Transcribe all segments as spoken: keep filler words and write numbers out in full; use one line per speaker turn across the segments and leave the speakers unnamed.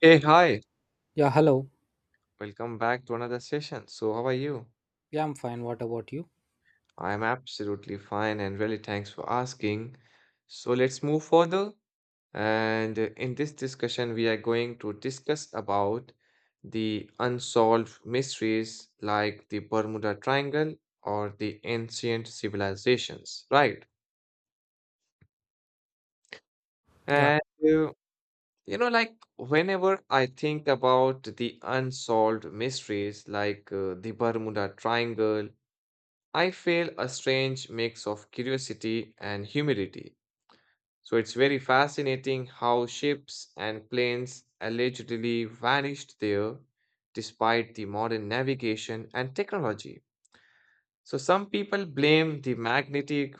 Hey, hi.
Yeah, hello.
Welcome back to another session. So, how are you?
Yeah, I'm fine. What about you?
I'm absolutely fine and really thanks for asking. So, let's move further. And uh, in this discussion, we are going to discuss about the unsolved mysteries like the Bermuda Triangle or the ancient civilizations, right?
Yeah,
And uh, you know, like whenever I think about the unsolved mysteries like uh, the Bermuda Triangle, I feel a strange mix of curiosity and humility. So it's very fascinating how ships and planes allegedly vanished there despite the modern navigation and technology. So some people blame the magnetic,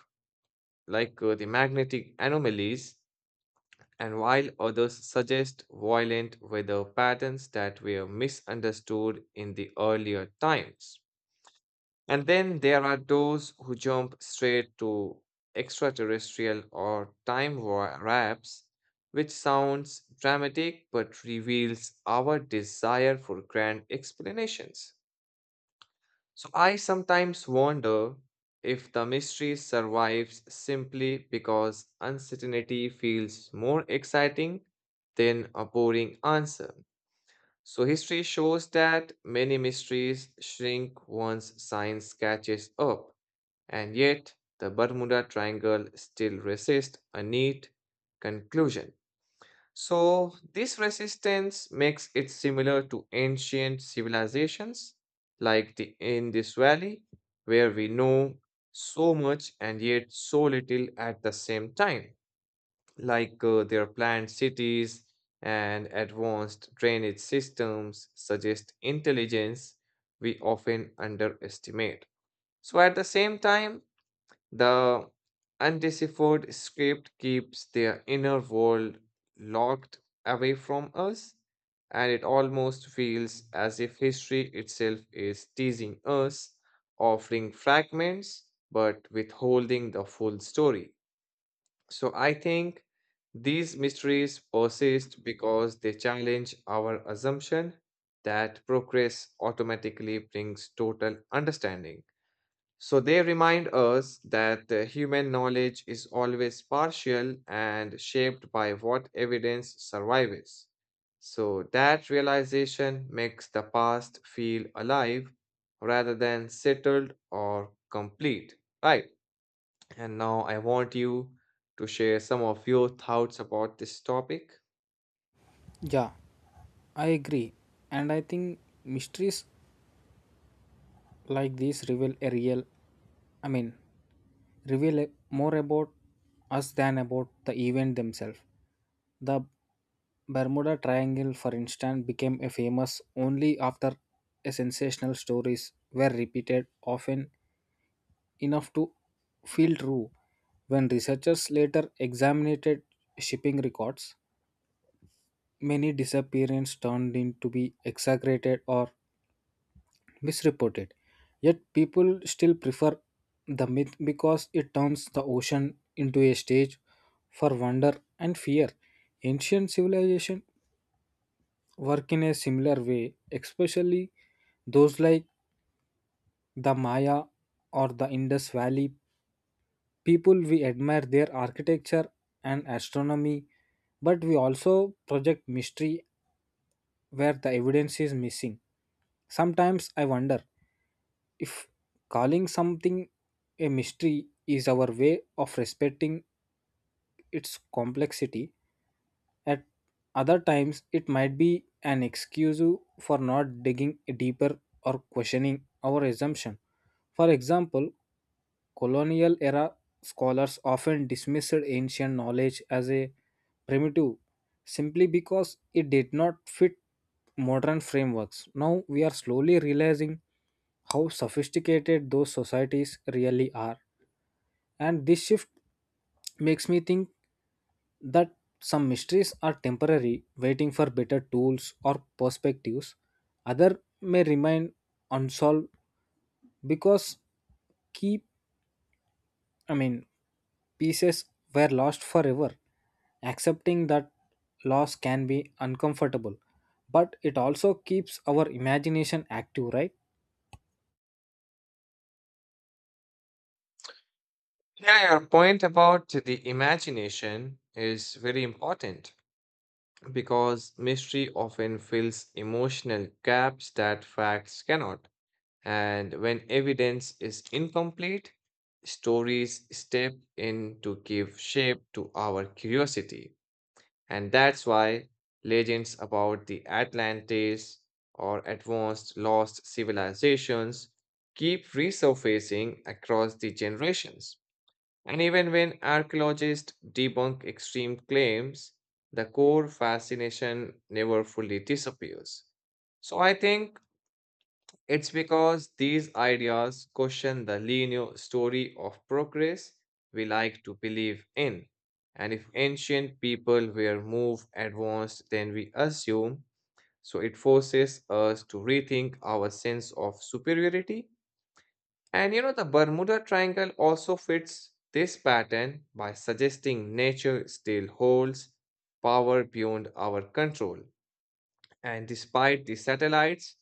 like uh, the magnetic anomalies, and while others suggest violent weather patterns that were misunderstood in the earlier times. And then there are those who jump straight to extraterrestrial or time wa- warps, which sounds dramatic but reveals our desire for grand explanations. So I sometimes wonder if the mystery survives simply because uncertainty feels more exciting than a boring answer. So history shows that many mysteries shrink once science catches up. And yet, the Bermuda Triangle still resists a neat conclusion. So, this resistance makes it similar to ancient civilizations like the in this Valley, where we know so much and yet so little at the same time, like uh, their planned cities and advanced drainage systems suggest intelligence we often underestimate. So, at the same time, the undeciphered script keeps their inner world locked away from us, and it almost feels as if history itself is teasing us, offering fragments but withholding the full story. So I think these mysteries persist because they challenge our assumption that progress automatically brings total understanding. So they remind us that uh, human knowledge is always partial and shaped by what evidence survives. So that realization makes the past feel alive rather than settled or complete. Right. And now I want you to share some of your thoughts about this topic.
Yeah, I agree. And I think mysteries like these reveal a real, I mean, reveal a- more about us than about the event themselves. The Bermuda Triangle, for instance, became a famous only after a sensational stories were repeated often enough to feel true. When researchers later examined shipping records, many disappearances turned into be exaggerated or misreported. Yet people still prefer the myth because it turns the ocean into a stage for wonder and fear. Ancient civilization work in a similar way, especially those like the Maya or the Indus Valley. People we admire their architecture and astronomy, but we also project mystery where the evidence is missing. Sometimes I wonder if calling something a mystery is our way of respecting its complexity, at other times it might be an excuse for not digging deeper or questioning our assumption. For example, colonial era scholars often dismissed ancient knowledge as a primitive simply because it did not fit modern frameworks. Now we are slowly realizing how sophisticated those societies really are. And this shift makes me think that some mysteries are temporary, waiting for better tools or perspectives. Other may remain unsolved because keep I mean, pieces were lost forever. Accepting that loss can be uncomfortable, but it also keeps our imagination active, right?
Yeah, your point about the imagination is very important because mystery often fills emotional gaps that facts cannot. And when evidence is incomplete, stories step in to give shape to our curiosity. And that's why legends about the Atlantis or advanced lost civilizations keep resurfacing across the generations. And even when archaeologists debunk extreme claims, the core fascination never fully disappears. So I think it's because these ideas question the linear story of progress we like to believe in. And if ancient people were more advanced than we assume, so it forces us to rethink our sense of superiority and you know, the Bermuda Triangle also fits this pattern by suggesting nature still holds power beyond our control. And despite the satellites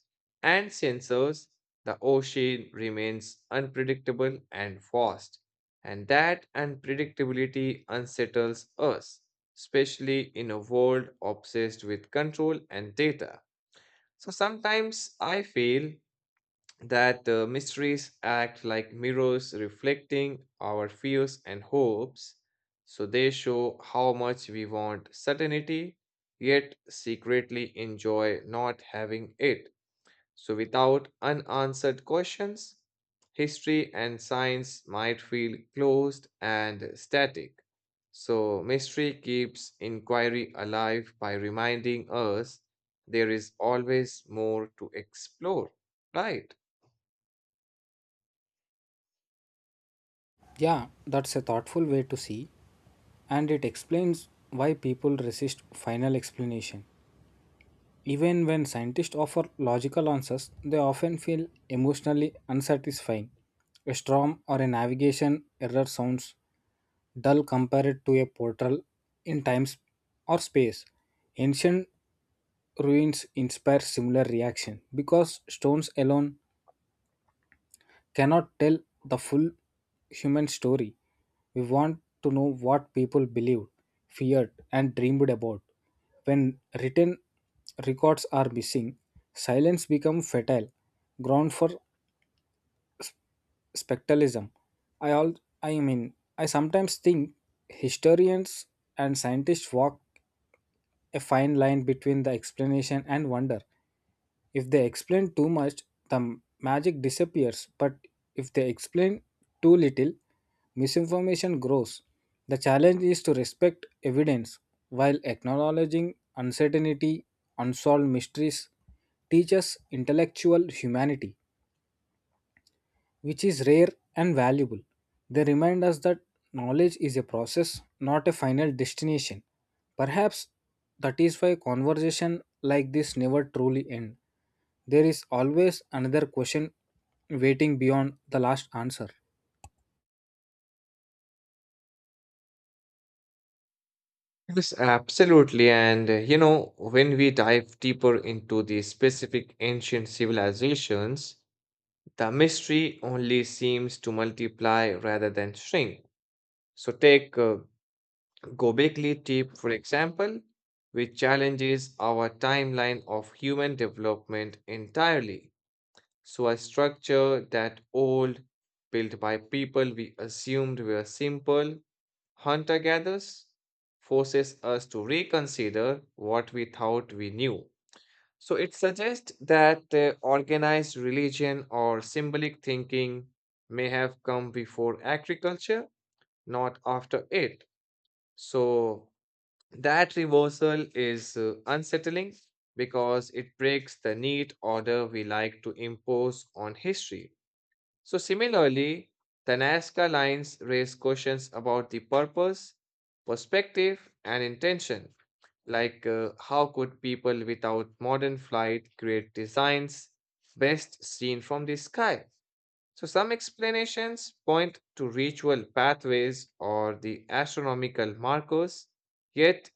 and sensors, the ocean remains unpredictable and vast. And that unpredictability unsettles us, especially in a world obsessed with control and data. So sometimes I feel that uh, mysteries act like mirrors reflecting our fears and hopes. So they show how much we want certainty, yet secretly enjoy not having it. So without unanswered questions, history and science might feel closed and static. So mystery keeps inquiry alive by reminding us there is always more to explore, right?
Yeah, that's a thoughtful way to see, and it explains why people resist final explanation. Even when scientists offer logical answers, they often feel emotionally unsatisfying. A storm or a navigation error sounds dull compared to a portal in time sp- or space. Ancient ruins inspire similar reaction because stones alone cannot tell the full human story. We want to know what people believed, feared, and dreamed about. When written records are missing, silence becomes fertile ground for spectralism. I all I mean I sometimes think historians and scientists walk a fine line between the explanation and wonder. If they explain too much, the magic disappears, but if they explain too little, misinformation grows. The challenge is to respect evidence while acknowledging uncertainty, unsolved mysteries, teaches intellectual humanity which is rare and valuable. They remind us that knowledge is a process, not a final destination. Perhaps that is why conversation like this never truly end. There is always another question waiting beyond the last answer.
Yes, absolutely. And uh, you know, when we dive deeper into the specific ancient civilizations, the mystery only seems to multiply rather than shrink. So, take uh, Göbekli Tepe, for example, which challenges our timeline of human development entirely. So, a structure that old, built by people we assumed were simple, hunter gatherers forces us to reconsider what we thought we knew. So it suggests that uh, organized religion or symbolic thinking may have come before agriculture, not after it. So that reversal is uh, unsettling because it breaks the neat order we like to impose on history. So, similarly, the Nazca lines raise questions about the purpose, perspective, and intention. Like, uh, how could people without modern flight create designs best seen from the sky? So, some explanations point to ritual pathways or the astronomical markers, yet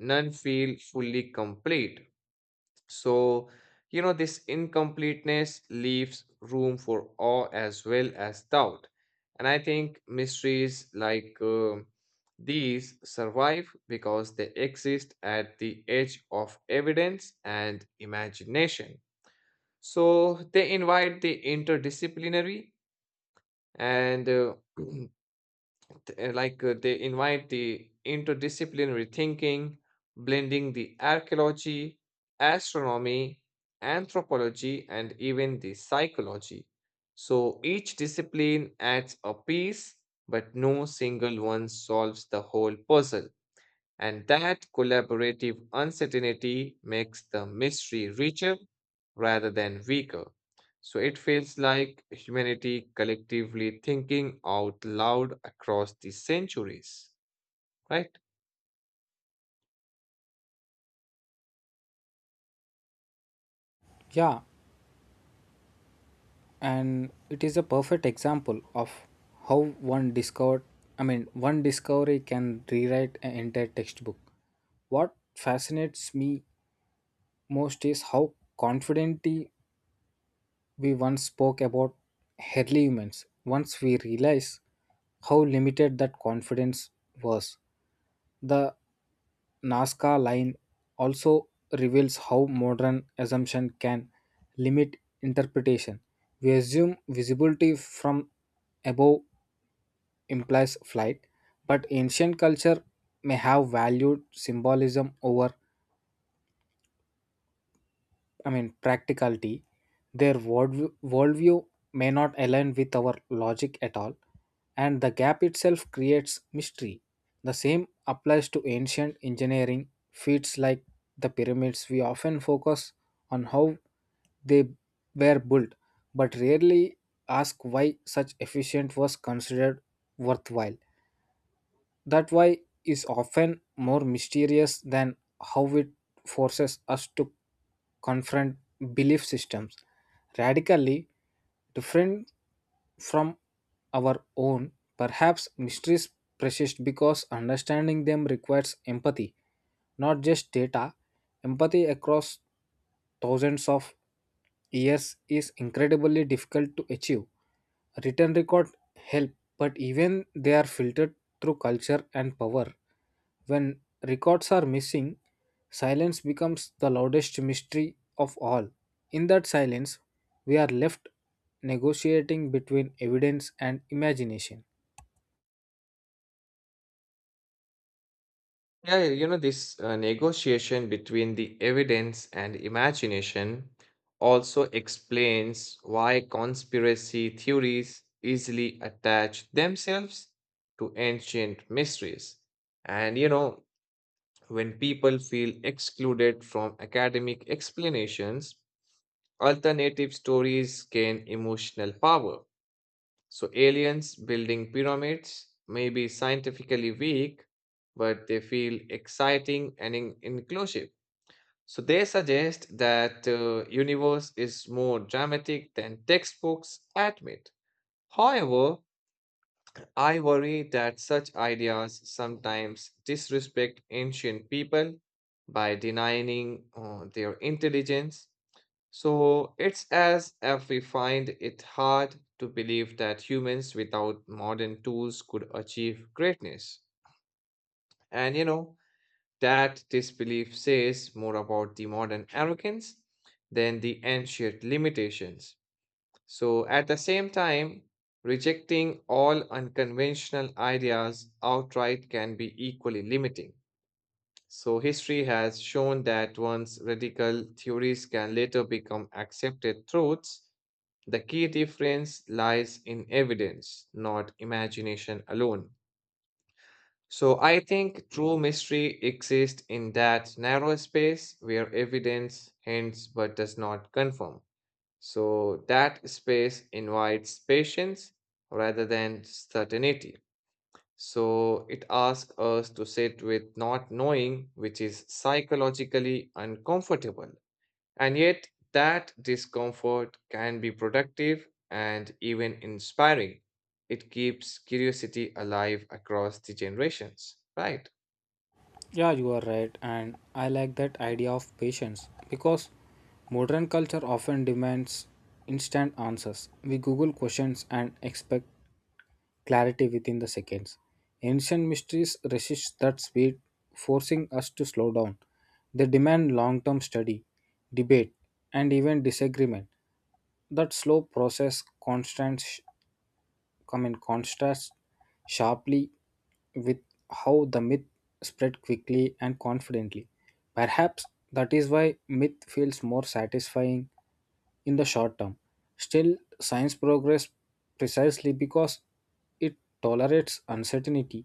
none feel fully complete. So, you know, this incompleteness leaves room for awe as well as doubt. And I think mysteries like uh, these survive because they exist at the edge of evidence and imagination. So, they invite the interdisciplinary and uh, th- uh, like uh, they invite the interdisciplinary thinking, blending the archaeology, astronomy, anthropology, and even the psychology. So each discipline adds a piece, but no single one solves the whole puzzle. And that collaborative uncertainty makes the mystery richer rather than weaker. So it feels like humanity collectively thinking out loud across the centuries, right?
Yeah, and it is a perfect example of how one discovered I mean one discovery can rewrite an entire textbook. What fascinates me most is how confidently we once spoke about early humans. Once we realized how limited that confidence was, the Nazca line also reveals how modern assumption can limit interpretation. We assume visibility from above implies flight, but ancient culture may have valued symbolism over I mean, practicality, their worldview, worldview may not align with our logic at all, and the gap itself creates mystery. The same applies to ancient engineering feats like the pyramids. We often focus on how they were built, but rarely ask why such efficient was considered worthwhile. That why is often more mysterious than how it forces us to confront belief systems radically different from our own. Perhaps mysteries persist because understanding them requires empathy, not just data. Empathy across thousands of years is incredibly difficult to achieve. Written record help, but even they are filtered through culture and power. When records are missing, silence becomes the loudest mystery of all. In that silence, we are left negotiating between evidence and imagination.
Yeah, yeah, you know, this uh, negotiation between the evidence and imagination also explains why conspiracy theories easily attach themselves to ancient mysteries. And, you know, when people feel excluded from academic explanations, alternative stories gain emotional power. So, aliens building pyramids may be scientifically weak, but they feel exciting and in- inclusive. So, they suggest that uh, universe is more dramatic than textbooks admit. However, I worry that such ideas sometimes disrespect ancient people by denying uh, their intelligence. So it's as if we find it hard to believe that humans without modern tools could achieve greatness. And you know, that disbelief says more about the modern arrogance than the ancient limitations. So, at the same time, rejecting all unconventional ideas outright can be equally limiting. So, history has shown that once radical theories can later become accepted truths, the key difference lies in evidence, not imagination alone. So, I think true mystery exists in that narrow space where evidence hints but does not confirm. So that space invites patience rather than certainty. So it asks us to sit with not knowing, which is psychologically uncomfortable. And yet, that discomfort can be productive and even inspiring. It keeps curiosity alive across the generations, right?
Yeah, you are right, and I like that idea of patience because modern culture often demands instant answers. We Google questions and expect clarity within the seconds. Ancient mysteries resist that speed, forcing us to slow down. They demand long term study, debate, and even disagreement. That slow process, constant sh- come in contrast sharply with how the myth spread quickly and confidently. Perhaps that is why myth feels more satisfying in the short term. Still, science progress precisely because it tolerates uncertainty.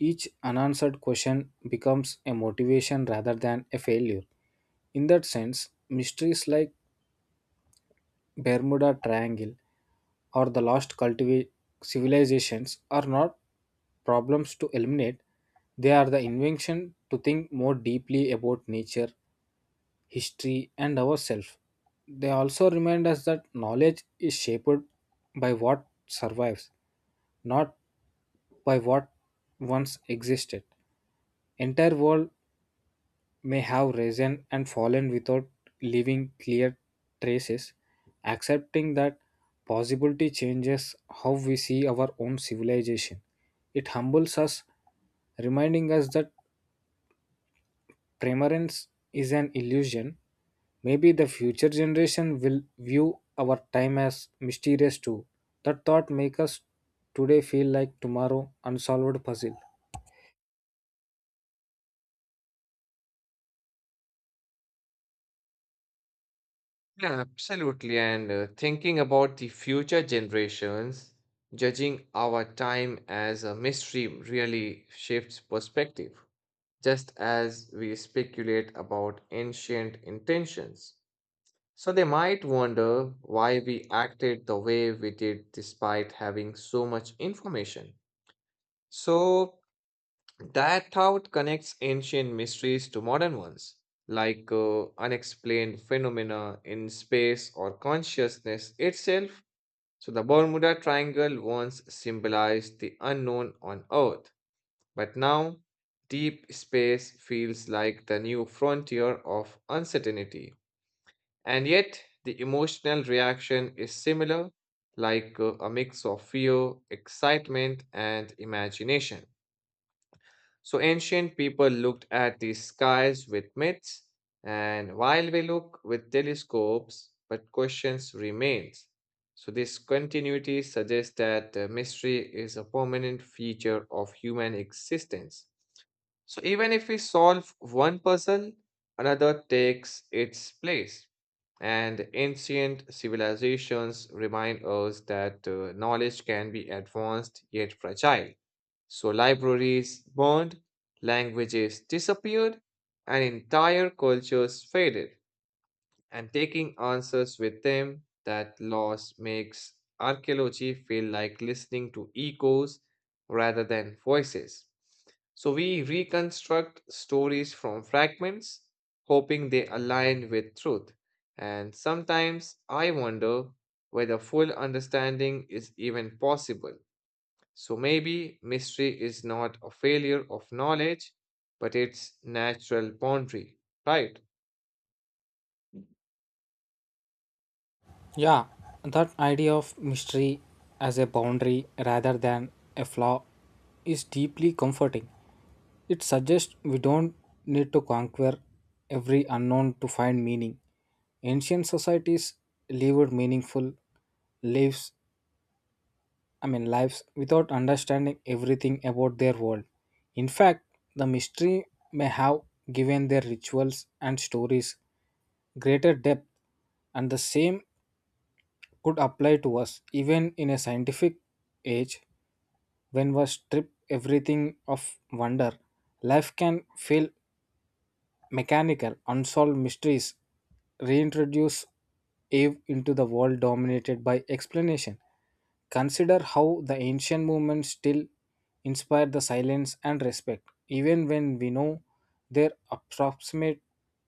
Each unanswered question becomes a motivation rather than a failure. In that sense, mysteries like Bermuda Triangle, or the lost cultiva- civilizations are not problems to eliminate, they are the invention to think more deeply about nature, history, and ourselves. They also remind us that knowledge is shaped by what survives, not by what once existed. Entire world may have risen and fallen without leaving clear traces. Accepting that possibility changes how we see our own civilization. It humbles us, reminding us that preeminence is an illusion. Maybe the future generation will view our time as mysterious too. That thought makes us today feel like tomorrow unsolved puzzle.
Yeah, absolutely. And uh, thinking about the future generations, judging our time as a mystery really shifts perspective, just as we speculate about ancient intentions. So they might wonder why we acted the way we did despite having so much information. So that thought connects ancient mysteries to modern ones, like uh, unexplained phenomena in space or consciousness itself. So, the Bermuda Triangle once symbolized the unknown on Earth, but now deep space feels like the new frontier of uncertainty. And yet, the emotional reaction is similar, like uh, a mix of fear, excitement, and imagination. So ancient people looked at the skies with myths, and while we look with telescopes, but questions remains. So this continuity suggests that uh, mystery is a permanent feature of human existence. So even if we solve one puzzle, another takes its place. And ancient civilizations remind us that uh, knowledge can be advanced yet fragile. So, libraries burned, languages disappeared, and entire cultures faded and taking answers with them that loss makes archaeology feel like listening to echoes rather than voices. So we reconstruct stories from fragments, hoping they align with truth. And sometimes I wonder whether full understanding is even possible. So maybe mystery is not a failure of knowledge, but it's natural boundary, right?
Yeah, that idea of mystery as a boundary rather than a flaw is deeply comforting. It suggests we don't need to conquer every unknown to find meaning. Ancient societies lived meaningful lives, I mean lives without understanding everything about their world. In fact, the mystery may have given their rituals and stories greater depth and the same could apply to us even in a scientific age when we strip everything of wonder life can feel mechanical unsolved mysteries reintroduce eve into the world dominated by explanation consider how the ancient movements still inspire the silence and respect even when we know their approximate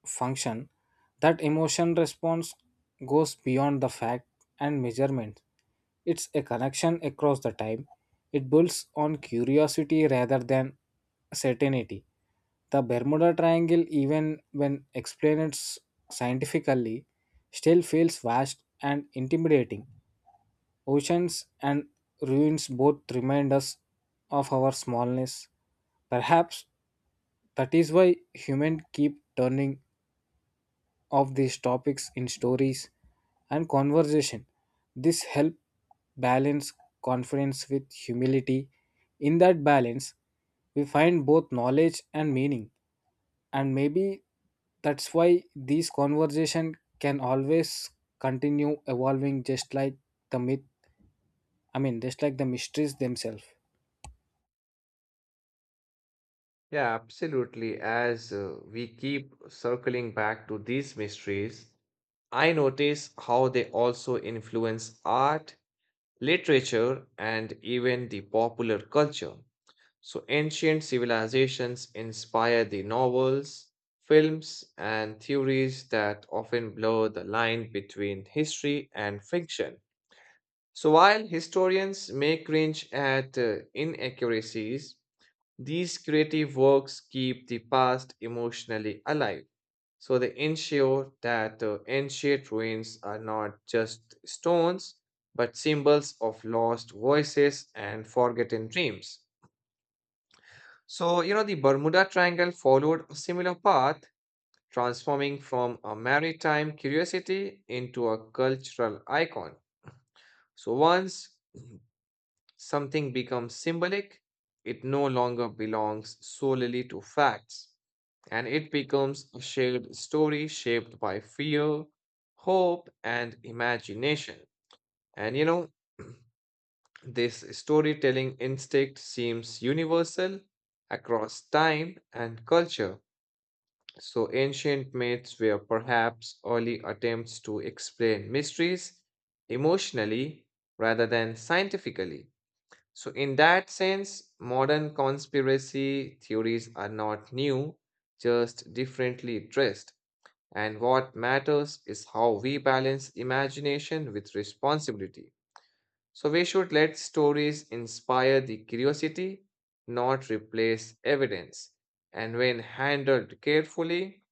function that emotion response goes beyond the fact and measurement. It's a connection across the time. It builds on curiosity rather than certainty. The Bermuda Triangle, even when explained scientifically, still feels vast and intimidating. Oceans and ruins both remind us of our smallness. Perhaps that is why humans keep turning of these topics in stories and conversation. This help balance confidence with humility. In that balance, we find both knowledge and meaning, and maybe that's why these conversation can always continue evolving, just like the myth. I mean, just like the mysteries themselves.
Yeah, absolutely. As uh, we keep circling back to these mysteries, I notice how they also influence art, literature, and even the popular culture. So, ancient civilizations inspire the novels, films, and theories that often blur the line between history and fiction. So, while historians may cringe at uh, inaccuracies, these creative works keep the past emotionally alive, so they ensure that uh, ancient ruins are not just stones, but symbols of lost voices and forgotten dreams. So, you know, the Bermuda Triangle followed a similar path, transforming from a maritime curiosity into a cultural icon. So, once something becomes symbolic, it no longer belongs solely to facts. And it becomes a shared story shaped by fear, hope, and imagination. And you know, this storytelling instinct seems universal across time and culture. So, ancient myths were perhaps early attempts to explain mysteries emotionally rather than scientifically. So, in that sense, modern conspiracy theories are not new, just differently dressed. And what matters is how we balance imagination with responsibility. So we should let stories inspire the curiosity, not replace evidence. And when handled carefully,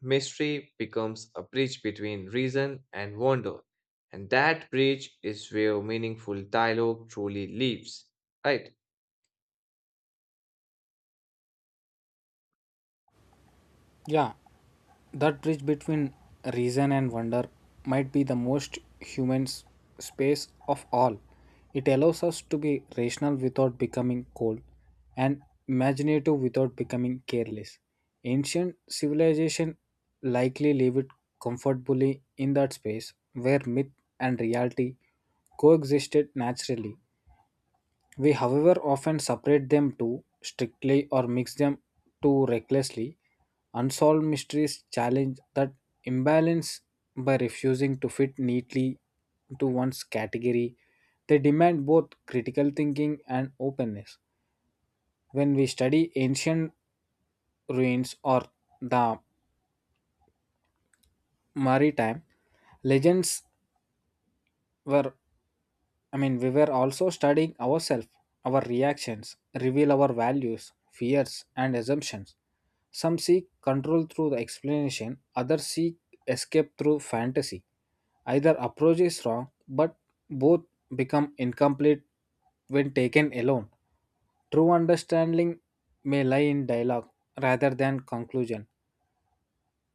mystery becomes a bridge between reason and wonder. And that bridge is where meaningful dialogue truly lives. Right?
Yeah, that bridge between reason and wonder might be the most human s- space of all. It allows us to be rational without becoming cold and imaginative without becoming careless. Ancient civilization likely lived comfortably in that space where myth and reality coexisted naturally. We, however, often separate them too strictly or mix them too recklessly. Unsolved mysteries challenge that imbalance by refusing to fit neatly into one's category. They demand both critical thinking and openness. When we study ancient ruins or the maritime legends were I mean, we were also studying ourselves, our reactions, reveal our values, fears, and assumptions. Some seek control through the explanation, others seek escape through fantasy. Either approach is wrong, but both become incomplete when taken alone. True understanding may lie in dialogue rather than conclusion.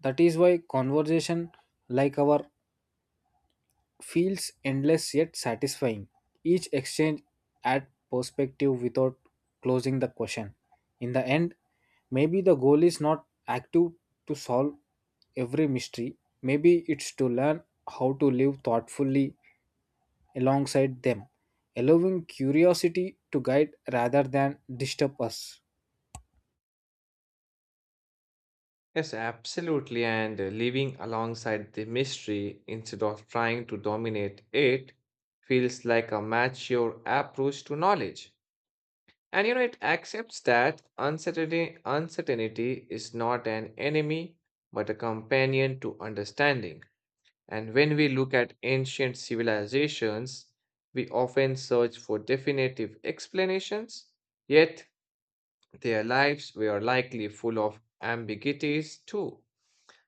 That is why conversation like our feels endless yet satisfying. Each exchange adds perspective without closing the question. In the end, maybe the goal is not active to solve every mystery, maybe it's to learn how to live thoughtfully alongside them, allowing curiosity to guide rather than disturb us.
Yes, absolutely. And uh, living alongside the mystery instead of trying to dominate it feels like a mature approach to knowledge. And you know, it accepts that uncertainty, uncertainty is not an enemy, but a companion to understanding. And when we look at ancient civilizations, we often search for definitive explanations, yet their lives were likely full of ambiguities too.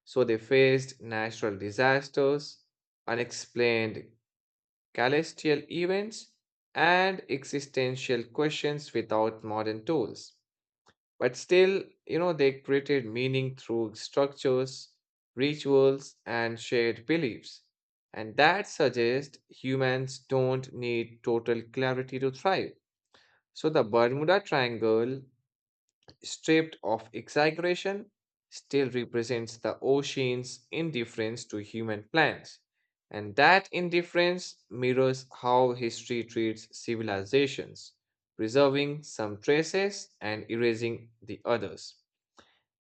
So they faced natural disasters, unexplained celestial events, and existential questions without modern tools. But still, you know, they created meaning through structures, rituals, and shared beliefs. And that suggests humans don't need total clarity to thrive. So the Bermuda Triangle stripped of exaggeration, still represents the ocean's indifference to human plans. And that indifference mirrors how history treats civilizations, preserving some traces and erasing the others.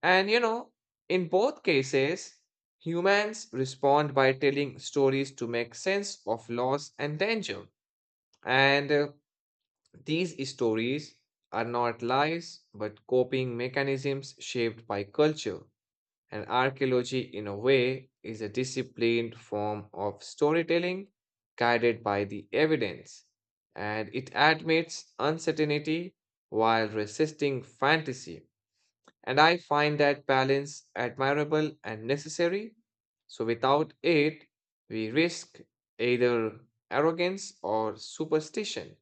And you know, in both cases, humans respond by telling stories to make sense of loss and danger. And uh, these stories are not lies, but coping mechanisms shaped by culture. And archaeology, in a way, is a disciplined form of storytelling guided by the evidence. And it admits uncertainty while resisting fantasy. And I find that balance admirable and necessary. So, without it, we risk either arrogance or superstition.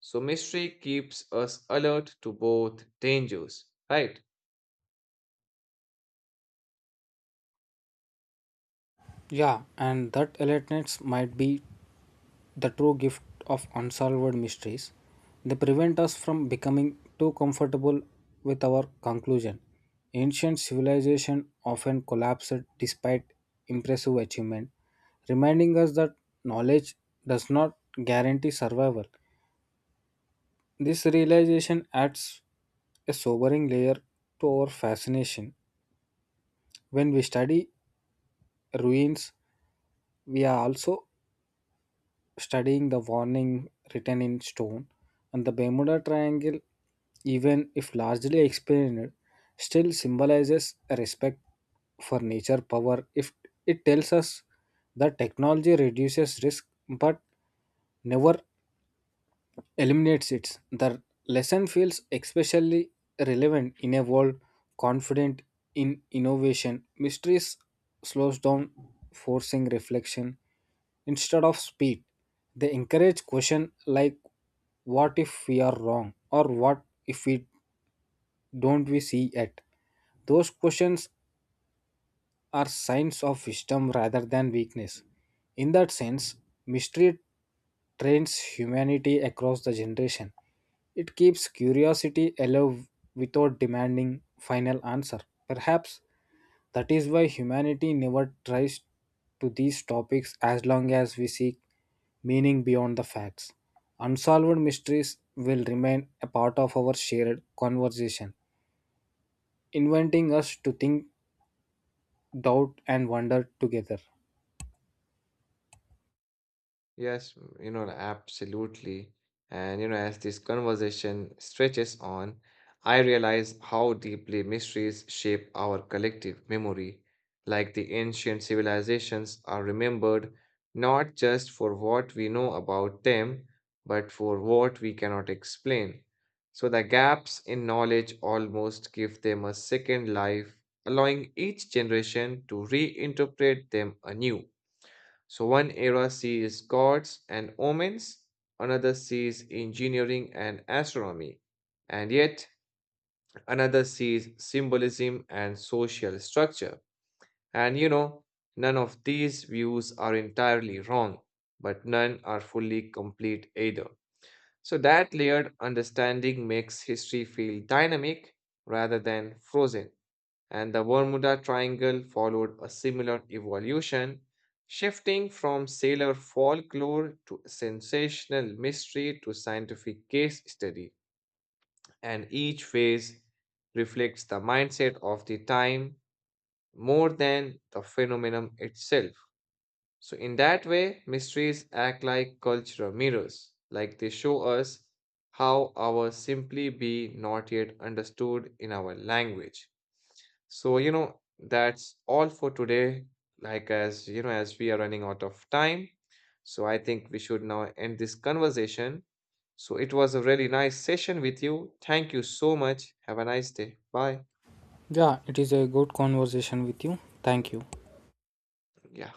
So mystery keeps us alert to both dangers, right?
Yeah, and that alertness might be the true gift of unsolved mysteries. They prevent us from becoming too comfortable with our conclusion. Ancient civilization often collapsed despite impressive achievement, reminding us that knowledge does not guarantee survival. This realization adds a sobering layer to our fascination. When we study ruins, we are also studying the warning written in stone, and the Bermuda Triangle, even if largely explained, still symbolizes a respect for nature power if it tells us that technology reduces risk but never eliminates it. The lesson feels especially relevant in a world confident in innovation. Mysteries slows down, forcing reflection instead of speed. They encourage question like what if we are wrong or what if we don't we see it. Those questions are signs of wisdom rather than weakness. In that sense, mystery trains humanity across the generation. It keeps curiosity alive without demanding final answer. Perhaps that is why humanity never tries to these topics as long as we seek meaning beyond the facts. Unsolved mysteries will remain a part of our shared conversation, inviting us to think, doubt, and wonder together.
Yes, mm, you know, absolutely. And, you know, as this conversation stretches on, I realize how deeply mysteries shape our collective memory. Like the ancient civilizations are remembered not just for what we know about them, but for what we cannot explain. So the gaps in knowledge almost give them a second life, allowing each generation to reinterpret them anew. So one era sees gods and omens, another sees engineering and astronomy, and yet another sees symbolism and social structure. And you know, none of these views are entirely wrong, but none are fully complete either. So that layered understanding makes history feel dynamic rather than frozen and the Bermuda Triangle followed a similar evolution, shifting from sailor folklore to sensational mystery to scientific case study. And each phase reflects the mindset of the time more than the phenomenon itself. So, in that way, mysteries act like cultural mirrors, like they show us how our simply be not yet understood in our language. So, you know, that's all for today. Like, as you know, as we are running out of time, so I think we should now end this conversation. So, it was a really nice session with you. Thank you so much. Have a nice day. Bye.
Yeah, it is a good conversation with you. Thank you.
Yeah.